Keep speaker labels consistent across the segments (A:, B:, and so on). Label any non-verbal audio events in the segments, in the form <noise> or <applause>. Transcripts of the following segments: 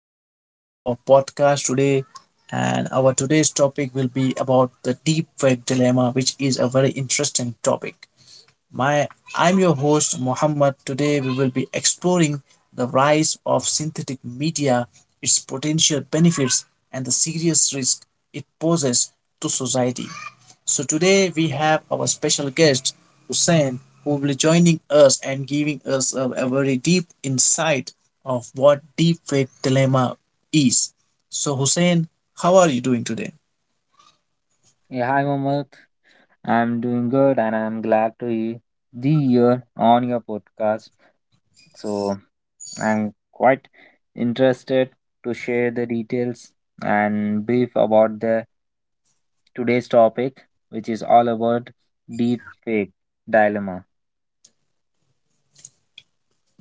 A: welcome to our podcast today. And our today's topic will be about the deep web dilemma, which is a very interesting topic. My I'm your host Mohammed. Today we will be exploring the rise of synthetic media, its potential benefits, and the serious risk it poses to society. So today we have our special guest Hussein, who will be joining us and giving us a very deep insight of what deepfake dilemma is. So Hussein, how are you doing today?
B: Yeah, hi Mohammed. I'm doing good and I'm glad to be the year on your podcast. So I'm quite interested to share the details and brief about the today's topic, which is all about deep fake dilemma.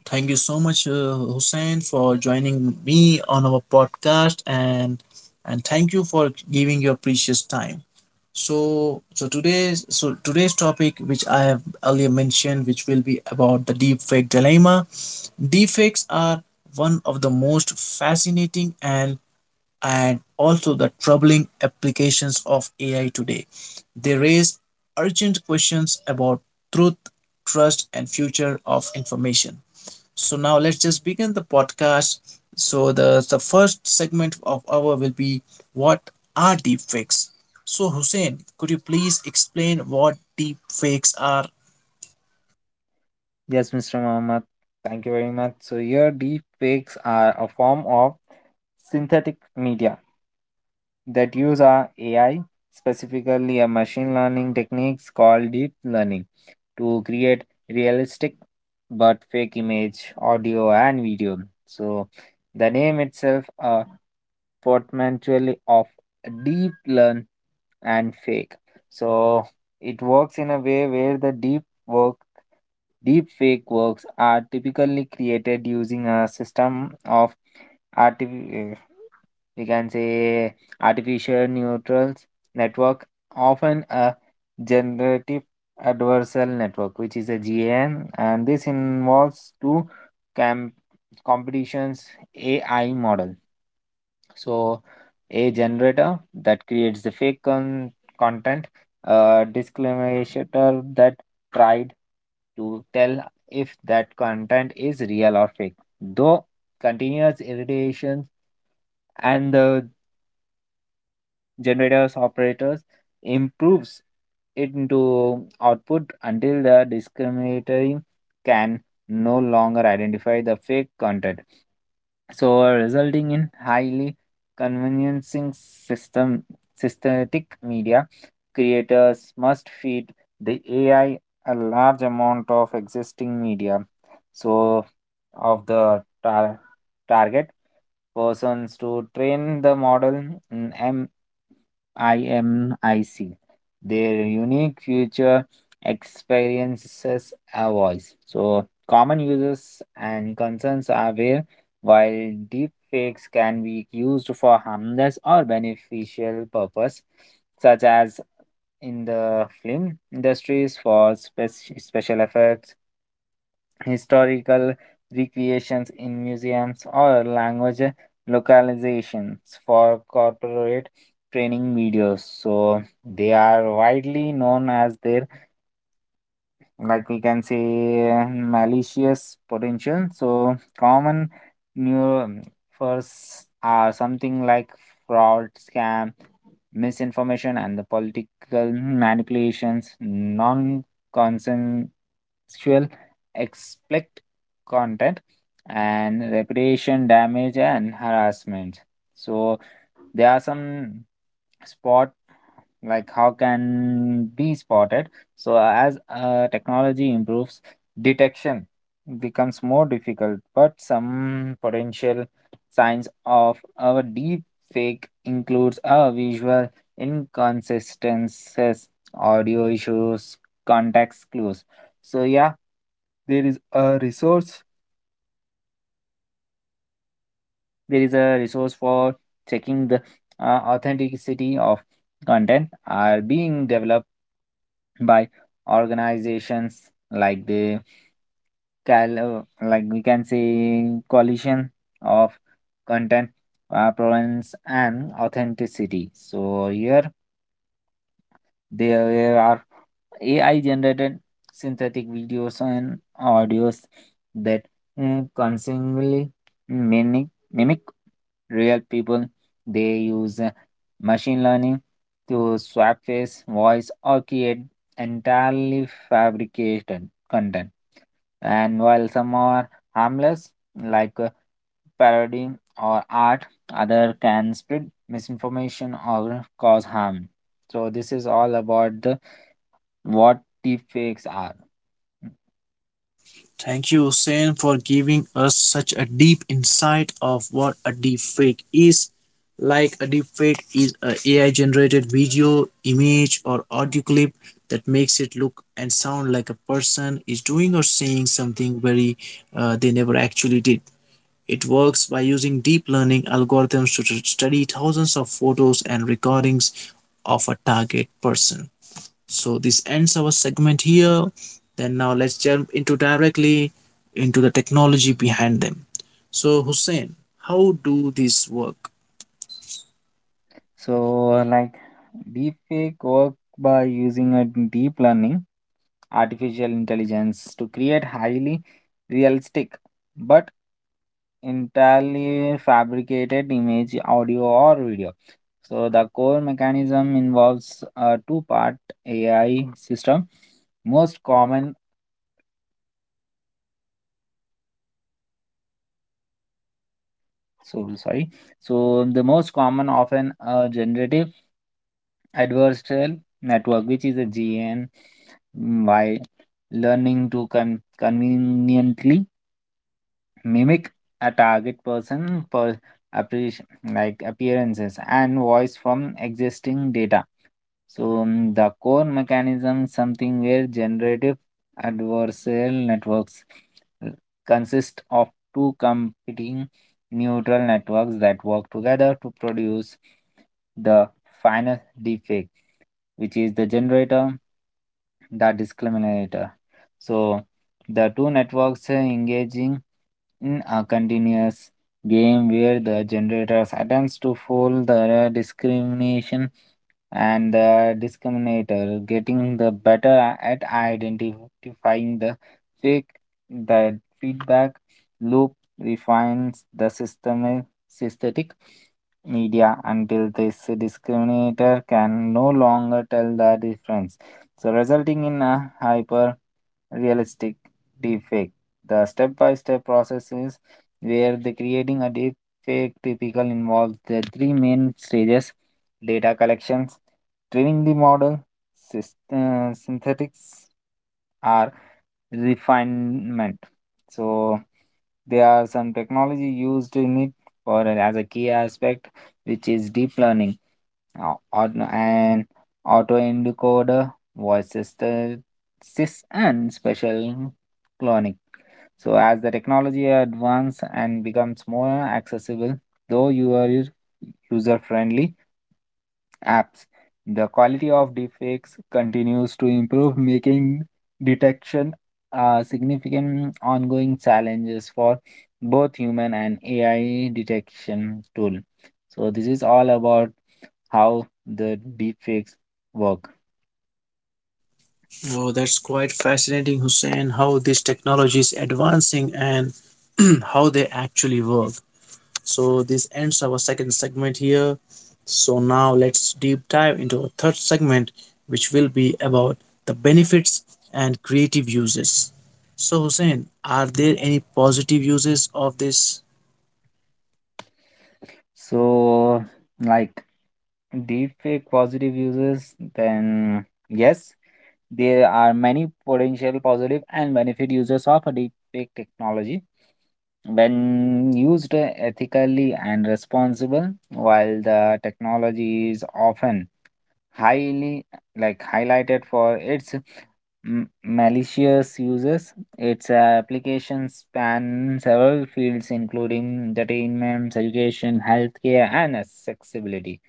A: Thank you so much, Hussein, for joining me on our podcast, and thank you for giving your precious time. So today's topic, which I have earlier mentioned, which will be about the deepfake dilemma. Deepfakes are one of the most fascinating and also the troubling applications of AI today. They raise urgent questions about truth, trust, and future of information. So now let's just begin the podcast. So the first segment of our will be what are deepfakes. So Hussein, could you please explain what deepfakes are?
B: Yes, Mr. Mohammed, thank you very much. So here deep fakes are a form of synthetic media that use our AI, specifically a machine learning techniques called deep learning, to create realistic but fake image, audio, and video. So the name itself a portmanteau of deep learn and fake. So it works in a way where the deep work Deepfake works are typically created using a system of artificial, we can say, artificial neural network, often a generative adversarial network, which is a GAN, and this involves two cam- competitions AI model, so a generator that creates the fake content, a disclaimer that tried to tell if that content is real or fake. Though continuous irradiation and the generator's operators improves it into output until the discriminator can no longer identify the fake content, so resulting in highly conveniencing system synthetic media creators must feed the ai a large amount of existing media, so of the target persons to train the model mm, IMIC. Their unique future experiences a voice. So common uses and concerns are where while deep fakes can be used for harmless or beneficial purpose, such as in the film industries for special effects, historical recreations in museums, or language localizations for corporate training videos. So they are widely known as their like we can say malicious potential. So common new first are something like fraud scam, misinformation and the political manipulations, non-consensual explicit content and reputation damage and harassment. So there are some spot like how can be spotted. So as technology improves, detection becomes more difficult, but some potential signs of our deep fake includes a visual inconsistencies, audio issues, context clues. So yeah, there is a resource. There is a resource for checking the authenticity of content are being developed by organizations like the cal- like we can say collision of content provenance and authenticity. So here there are ai generated synthetic videos and audios that constantly mimic real people. They use machine learning to swap face, voice, or create entirely fabricated content. And while some are harmless, like parody or art, other can spread misinformation or cause harm. So this is all about the what deepfakes are.
A: Thank you, Hussein, for giving us such a deep insight of what a deepfake is. Like a deepfake is a AI generated video, image, or audio clip that makes it look and sound like a person is doing or saying something very they never actually did. It works by using deep learning algorithms to study thousands of photos and recordings of a target person. So this ends our segment here. Then now let's jump into directly into the technology behind them. So Hussein, how do these work?
B: So like deepfake work by using a deep learning artificial intelligence to create highly realistic but entirely fabricated image, audio, or video. So, the core mechanism involves a two-part AI system. Most common, so sorry, so the most common often a generative adversarial network, which is a GN, while learning to conveniently mimic a target person per appreci- like appearances and voice from existing data. So the core mechanism is something where generative adversarial networks uh, consist of two competing neural networks that work together to produce the final defect, which is the generator, the discriminator. So the two networks engaging in a continuous game where the generators attempts to fool the discrimination, and the discriminator getting the better at identifying the fake. The feedback loop refines the system synthetic media until this discriminator can no longer tell the difference, so resulting in a hyper realistic deepfake. The step-by-step process is where the creating a deepfake typical involves the three main stages: data collections, training the model, synthetics, or refinement. So there are some technology used in it, or as a key aspect, which is deep learning. Now, an auto encoder, voice synthesis, and special cloning. So, as the technology advances and becomes more accessible, though you are user-friendly apps, the quality of deepfakes continues to improve, making detection a significant ongoing challenges for both human and AI detection tool. So, this is all about how the deepfakes work.
A: Oh, that's quite fascinating, Hussein, how this technology is advancing and <clears throat> how they actually work. So this ends our second segment here. So now let's deep dive into our third segment, which will be about the benefits and creative uses. So Hussein, are there any positive uses of this?
B: So, like deepfake positive uses, then yes, there are many potential positive and benefit uses of a deepfake technology when used ethically and responsible while the technology is often highly like highlighted for its malicious uses. Its applications span several fields, including entertainment, education, healthcare, and accessibility.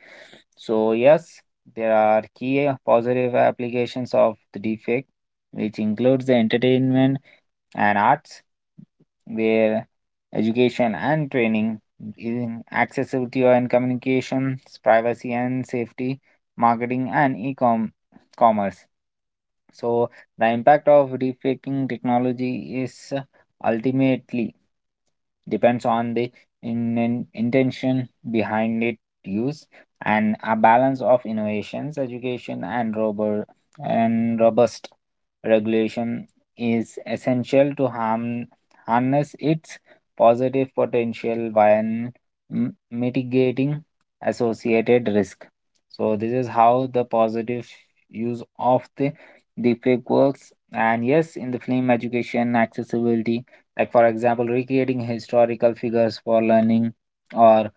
B: So, yes, there are key positive applications of the defect, which includes the entertainment and arts where education and training in accessibility and communications, privacy and safety, marketing and e-com commerce. So the impact of deepfaking technology is ultimately depends on the intention behind it use, and a balance of innovations, education and robust regulation is essential to harm harness its positive potential while mitigating associated risk. So this is how the positive use of the deepfake works. And yes, in the film education accessibility, like for example, recreating historical figures for learning or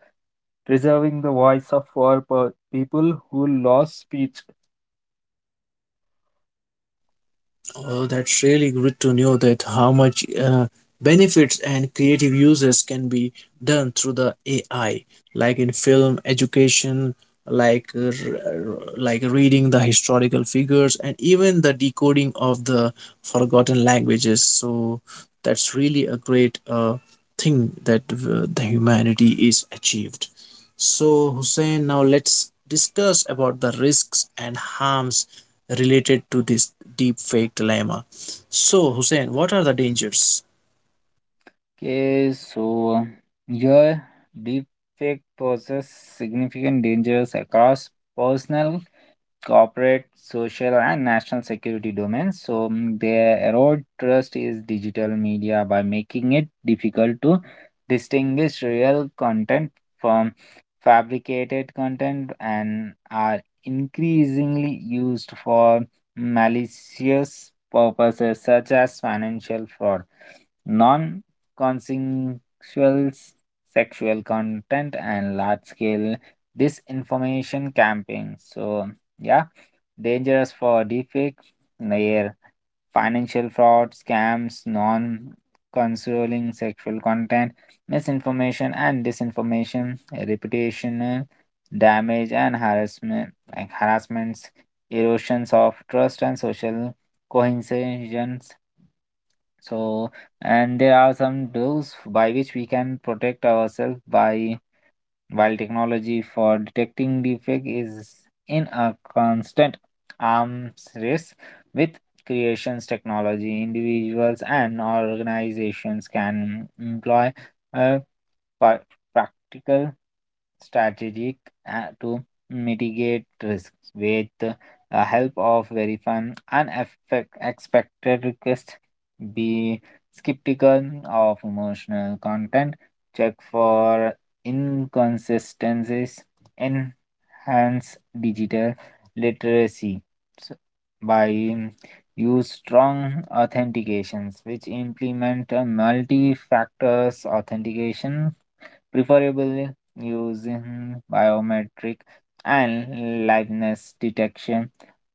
B: preserving the voice of people who lost speech.
A: Oh, that's really good to know that how much benefits and creative uses can be done through the AI, like in film education, like like reading the historical figures, and even the decoding of the forgotten languages. So that's really a great thing that the humanity is achieved. So Hussein, now let's discuss about the risks and harms related to this deep fake dilemma. So, Hussein, what are the dangers?
B: Okay, so your deepfake poses significant dangers across personal, corporate, social, and national security domains. So they erode trust is digital media by making it difficult to distinguish real content from fabricated content and are increasingly used for malicious purposes such as financial fraud, non-consensual s- sexual content, and large-scale disinformation campaigns. So yeah, dangerous for deepfake, near financial fraud, scams, non-consoling sexual content, misinformation and disinformation, reputational damage and harassment, like harassments, erosions of trust and social cohesions. So, and there are some rules by which we can protect ourselves by while technology for detecting defect is in a constant arms race with creations technology, individuals and organizations can employ uh, pa- practical strategic to mitigate risks with the help of verifying unexpected requests. Be skeptical of emotional content. Check for inconsistencies. Enhance digital literacy s- by use strong authentications which implement multi factors authentication, preferably using biometric and liveness detection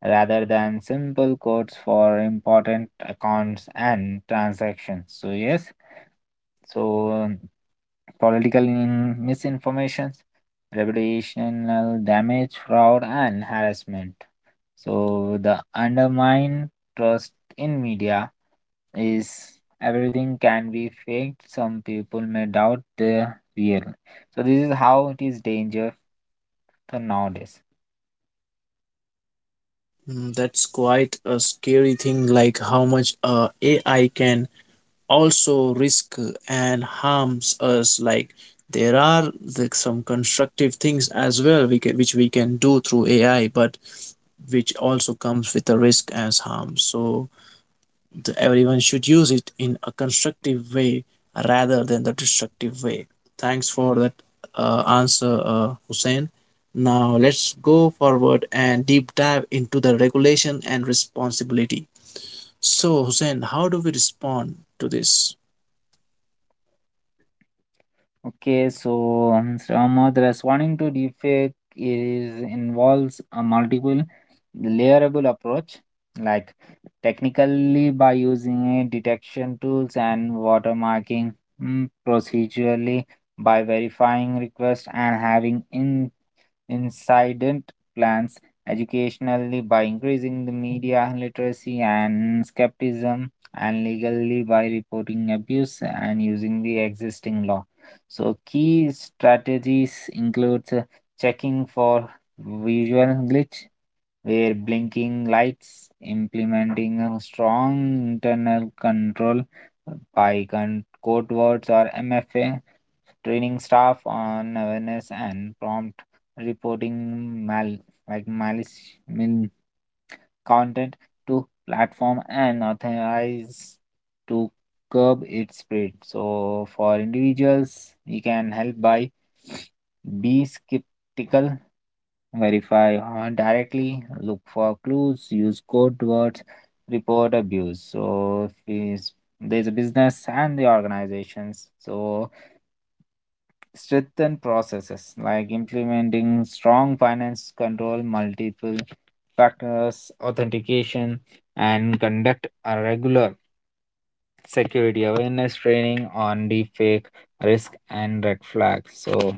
B: rather than simple codes for important accounts and transactions. So, yes, so um, political misinformation, reputational damage, fraud, and harassment. So, the undermine trust in media is everything can be faked. Some people may doubt the real. So this is how it is danger for nowadays.
A: Mm, that's quite a scary thing, like how much AI can also risk and harms us. Like there are some constructive things as well, which we can do through AI, but which also comes with a risk as harm. So, that everyone should use it in a constructive way rather than the destructive way. Thanks for that answer, Hussein. Now let's go forward and deep dive into the regulation and responsibility. So, Hussein, how do we respond to this?
B: Okay, so Sramath responding to deepfake is involves a multiple layerable approach, like technically by using a detection tools and watermarking, procedurally by verifying requests and having in incident plans, educationally by increasing the media literacy and skepticism, and legally by reporting abuse and using the existing law. So key strategies includes checking for visual glitch where blinking lights, implementing a strong internal control by code words or mfa, training staff on awareness and prompt reporting malice mean content to platform and authorize to curb its spread. So for individuals, we can help by be skeptical, verify directly, look for clues, use code words, report abuse. So if is- there's a business and the organizations. So strengthen processes like implementing strong finance control, multiple factors, authentication, and conduct a regular security awareness training on deepfake risk and red flags. So,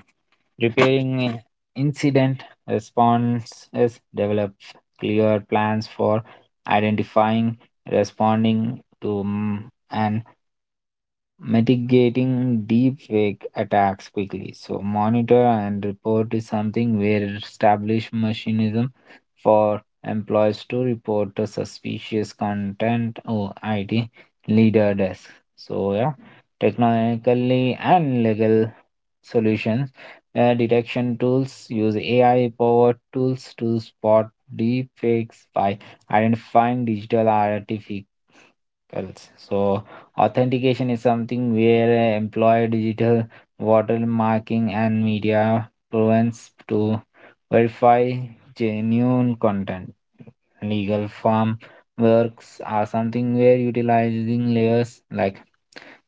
B: preparing incident responses, develop clear plans for identifying, responding to, and mitigating deepfake attacks quickly. So monitor and report is something where established mechanism for employees to report the suspicious content or IT leader desk. So yeah, technically and legal solutions. Detection tools use AI powered tools to spot deepfakes by identifying digital artifacts else. So authentication is something where employ digital watermarking and media provenance to verify genuine content. Legal form works are something where utilizing layers like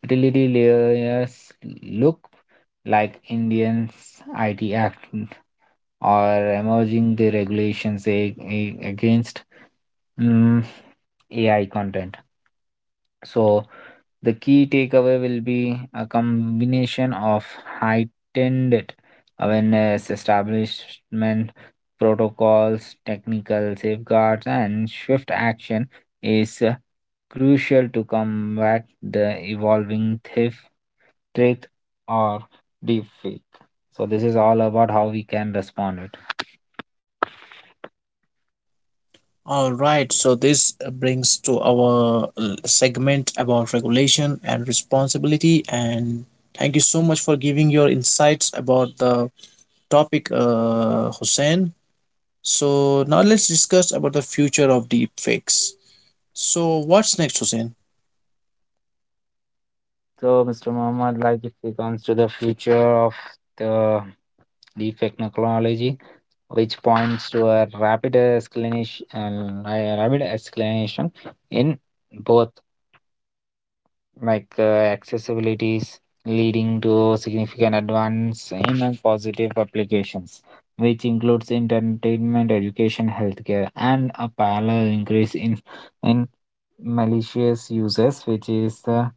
B: utility layers look like Indians IT Act or emerging the regulations against mm, AI content. So the key takeaway will be a combination of heightened awareness, establishment protocols, technical safeguards, and swift action is crucial to combat the evolving theft, trick, or deepfake. So this is all about how we can respond it.
A: All right, so this brings to our segment about regulation and responsibility. And thank you so much for giving your insights about the topic, Hussein. So now let's discuss about the future of deepfakes. So what's next, Hussein?
B: So Mr. Muhammad, like if it comes to the future of the deepfake technology, which points to a rapid escalation, in both like uh, accessibilities, leading to significant advance in positive applications, which includes entertainment, education, healthcare, and a parallel increase in malicious uses, which is the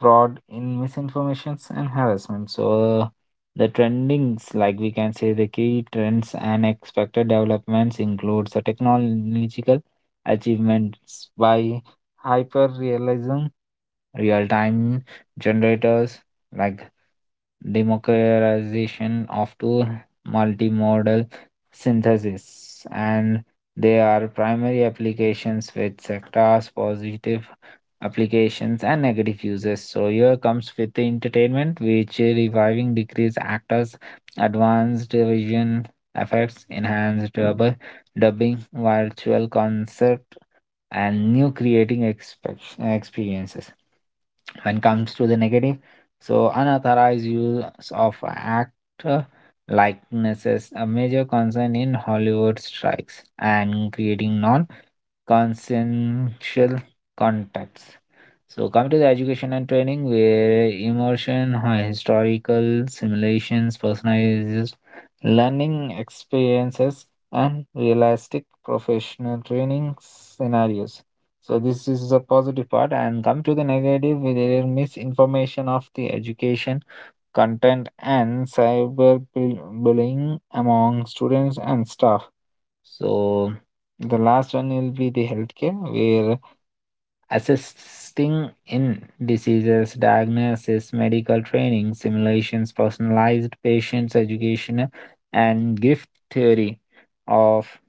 B: fraud in misinformations and harassment. So uh, the trendings, like we can say, the key trends and expected developments includes the technological achievements by hyper realism, real time generators, like democratization of to multimodal synthesis, and they are primary applications with sectors positive applications and negative uses. So here comes with the entertainment, which reviving decrease actors, advanced vision effects, enhanced double dubbing, virtual concert, and new creating experiences. When comes to the negative, so unauthorized use of actor likenesses a major concern in hollywood strikes and creating non consensual contacts. So, coming to the education and training, where immersion, historical simulations, personalized learning experiences, and realistic professional training scenarios. So, this is a positive part. And come to the negative, with their misinformation of the education content and cyber bullying among students and staff. So the last one will be the healthcare, where assisting in diseases, diagnosis, medical training, simulations, personalized patients education, and gift theory of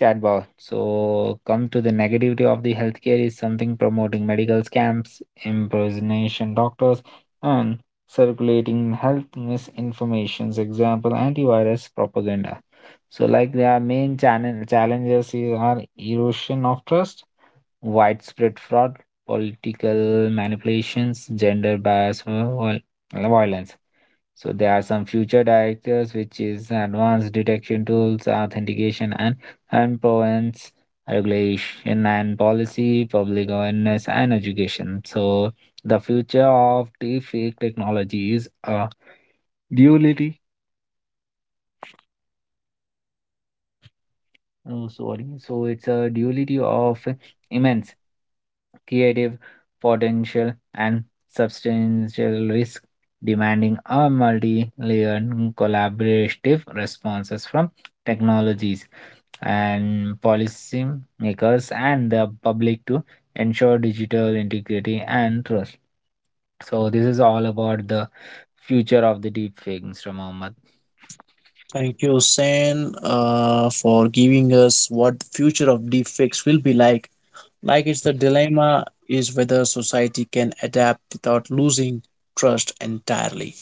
B: chatbot. So, come to the negativity of the healthcare is something promoting medical scams, impersonation doctors, and circulating health misinformations. Example: antivirus propaganda. So, like their main channel challenges are erosion of trust, widespread fraud, political manipulations, gender bias, violence. So there are some future directors, which is advanced detection tools, authentication and endpoints, regulation and policy, public awareness and education. So the future of deepfake technology is a duality. Oh, sorry. So it's a duality of immense creative potential and substantial risk, demanding a multi-layered collaborative responses from technologies and policy makers and the public to ensure digital integrity and trust. So this is all about the future of the deepfake, Mr. Mohammed.
A: Thank you, Hussein, for giving us what the future of deepfakes will be like. Like it's the dilemma is whether society can adapt without losing trust entirely.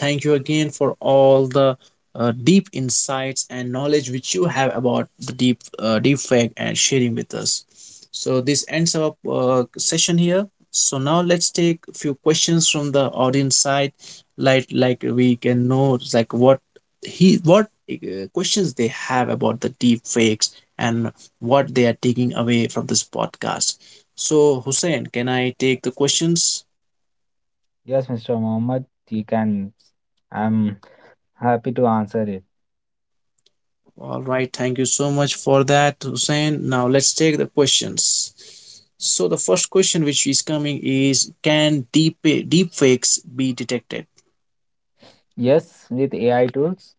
A: Thank you again for all the deep insights and knowledge which you have about the deep fake and sharing with us. So this ends our session here. So now let's take a few questions from the audience side, like we can know like what questions they have about the deep fakes and what they are taking away from this podcast. So, Hussein, can I take the questions?
B: Yes, Mr. Mohammed, you can. I'm happy to answer it.
A: All right, thank you so much for that, Hussein. Now, let's take the questions. So, the first question which is coming is: can deep fakes be detected?
B: Yes, with AI tools,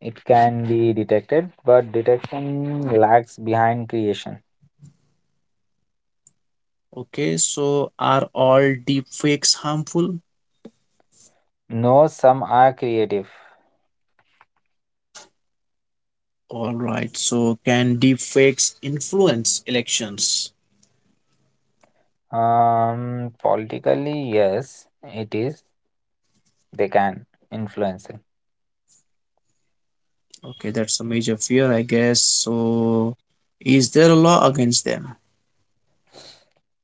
B: it can be detected, but detection lags behind creation.
A: Okay, so are all deep fakes harmful?
B: No, some are creative.
A: All right, so can deep fakes influence elections?
B: Politically, yes, it is. They can influence it.
A: Okay, that's a major fear, I guess. So, is there a law against them?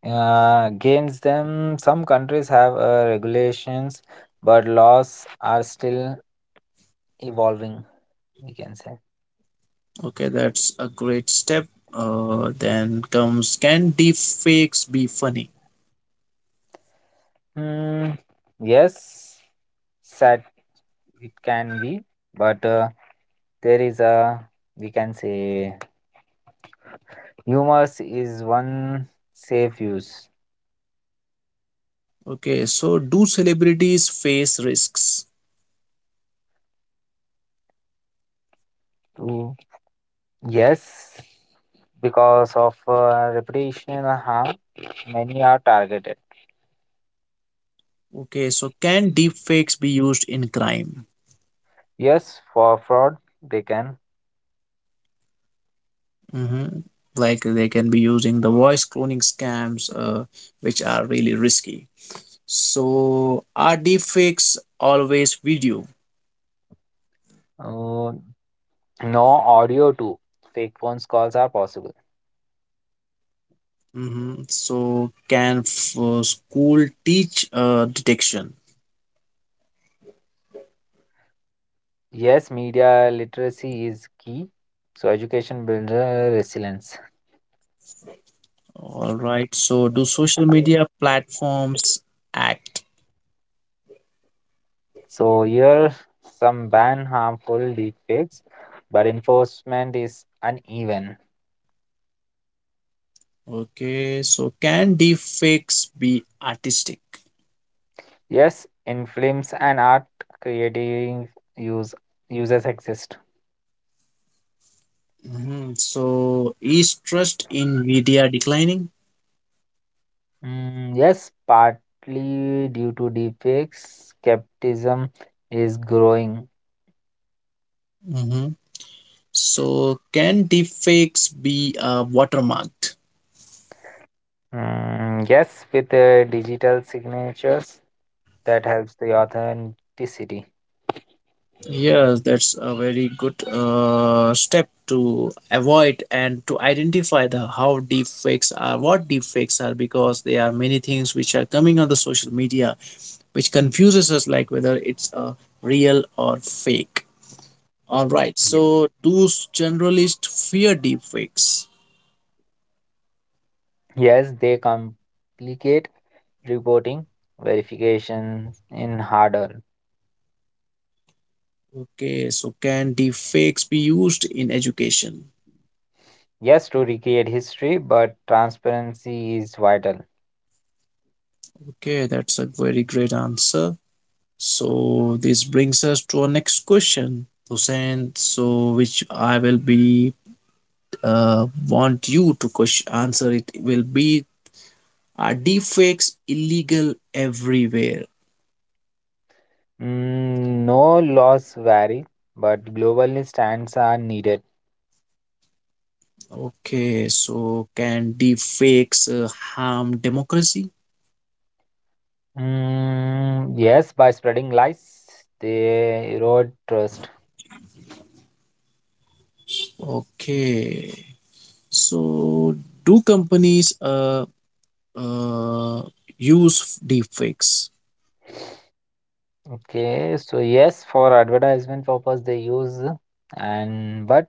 B: Against them, some countries have regulations, but laws are still evolving. We can say.
A: Okay, that's a great step. Then comes can deepfakes be funny?
B: Hmm, yes, it can be, but there is a we can say humors is one safe use.
A: Okay, so do celebrities face risks?
B: To Yes, because of reputational harm, many are targeted.
A: Okay, so can deepfakes be used in crime?
B: Yes, for fraud, they can.
A: Hmm. Like they can be using the voice cloning scams, which are really risky. So are deepfakes always video?
B: Uh, no, audio too. Fake phones calls are possible.
A: Hmm. So can school teach detection?
B: Yes, media literacy is key. So education builds resilience.
A: All right. So, do social media platforms act?
B: So here some ban harmful deepfakes, but enforcement is uneven.
A: Okay. So, can deepfakes be artistic?
B: Yes, in films and art, creative use users exist.
A: Mhm. So, is trust in media declining?
B: Mm, yes, partly due to deepfakes, skepticism is growing.
A: Mhm. So, can deepfakes be watermarked?
B: Mm, yes, with digital signatures, that helps the authenticity.
A: Yes, that's a very good step to avoid and to identify the how deepfakes are, what deepfakes are, because there are many things which are coming on the social media which confuses us like whether it's a real or fake. All right, so do generalists fear deepfakes?
B: Yes, they complicate reporting verification in harder.
A: Okay, so can deepfakes be used in education?
B: Yes, to recreate history, but transparency is vital.
A: Okay, that's a very great answer. So this brings us to our next question, Hussein. So which I will be want you to answer it will be are deepfakes illegal everywhere?
B: Mm, no, laws vary, but global stands are needed.
A: Okay, so can deepfakes harm democracy?
B: Mm, yes, by spreading lies, they erode trust.
A: Okay, so do companies uh, use deepfakes?
B: Okay, so yes, for advertisement purpose they use, and but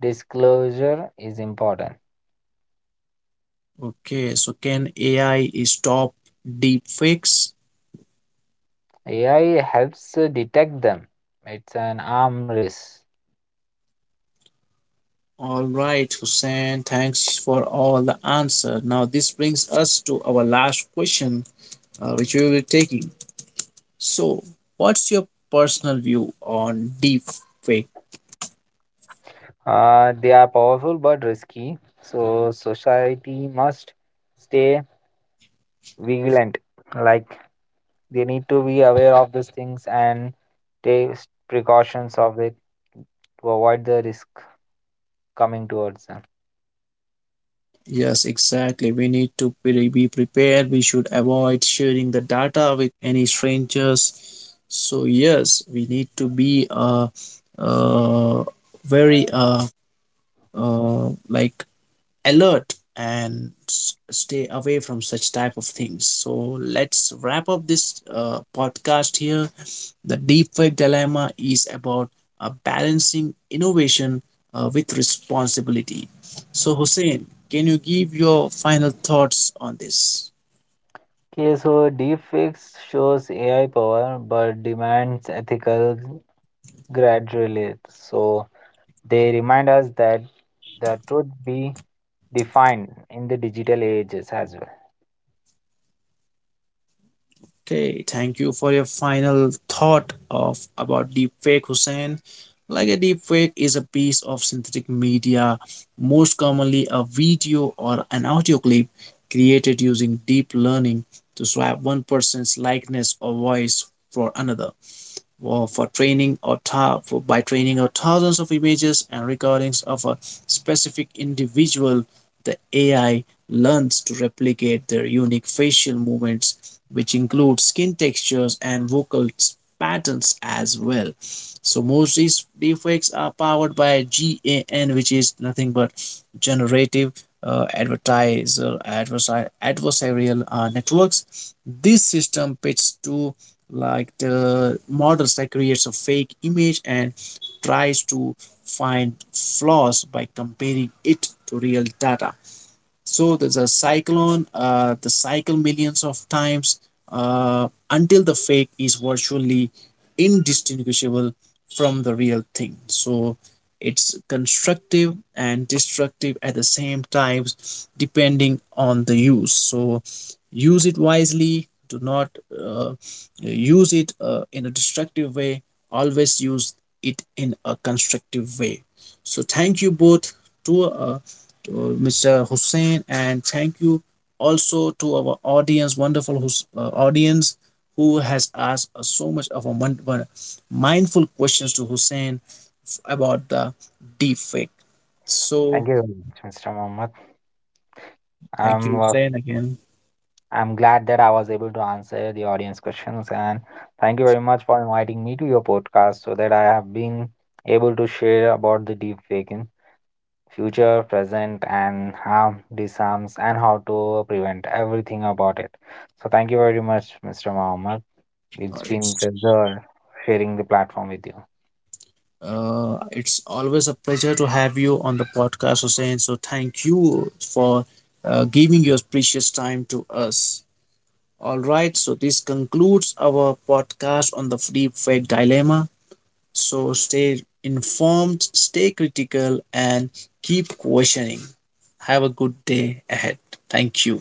B: disclosure is important.
A: Okay, so can AI stop deepfakes?
B: AI helps detect them. It's an arm race.
A: All right, Hussein, thanks for all the answer. Now this brings us to our last question, which we will be taking. So, what's your personal view on deepfakes?
B: They are powerful but risky, so society must stay vigilant. Like they need to be aware of these things and take precautions of it to avoid the risk coming towards them.
A: Yes, exactly. We need to be prepared. We should avoid sharing the data with any strangers. So yes, we need to be uh, very like alert and stay away from such type of things. So let's wrap up this podcast here. The deepfake dilemma is about balancing innovation with responsibility. So, Hussein, can you give your final thoughts on this?
B: Okay, so deepfakes shows AI power but demands ethical gradually. So they remind us that the truth be defined in the digital ages as well.
A: Okay, thank you for your final thought of about deepfake, Hussein. Like a deepfake is a piece of synthetic media, most commonly a video or an audio clip created using deep learning to swap one person's likeness or voice for another. Well, for training or by training out thousands of images and recordings of a specific individual, the AI learns to replicate their unique facial movements, which include skin textures and vocal patterns as well. So most these deepfakes are powered by GAN, which is nothing but generative adversarial networks. This system pits two like the models that creates a fake image and tries to find flaws by comparing it to real data. So the cyclone the cycle millions of times until the fake is virtually indistinguishable from the real thing. So it's constructive and destructive at the same times depending on the use. So use it wisely. Do not use it in a destructive way, always use it in a constructive way. So thank you both to Mr. Hussein, and thank you also to our audience, wonderful audience, who has asked us so much of a mindful questions to Hussein about the deep fake. So
B: Thank you very much, Mr. Mohammed.
A: thank
B: I'm
A: you,
B: uh,
A: Hussein, again.
B: I'm glad that I was able to answer the audience questions and thank you very much for inviting me to your podcast so that I have been able to share about the deep fake in future, present and how disarms and how to prevent everything about it. So thank you very much, Mr. Mohammed.
A: Uh,
B: It's been a
A: it's
B: pleasure sharing the platform with you.
A: it's always a pleasure to have you on the podcast, Hussein. So thank you for giving your precious time to us. All right, so this concludes our podcast on the deep fake dilemma. So stay informed, stay critical, and keep questioning. Have a good day ahead. Thank you.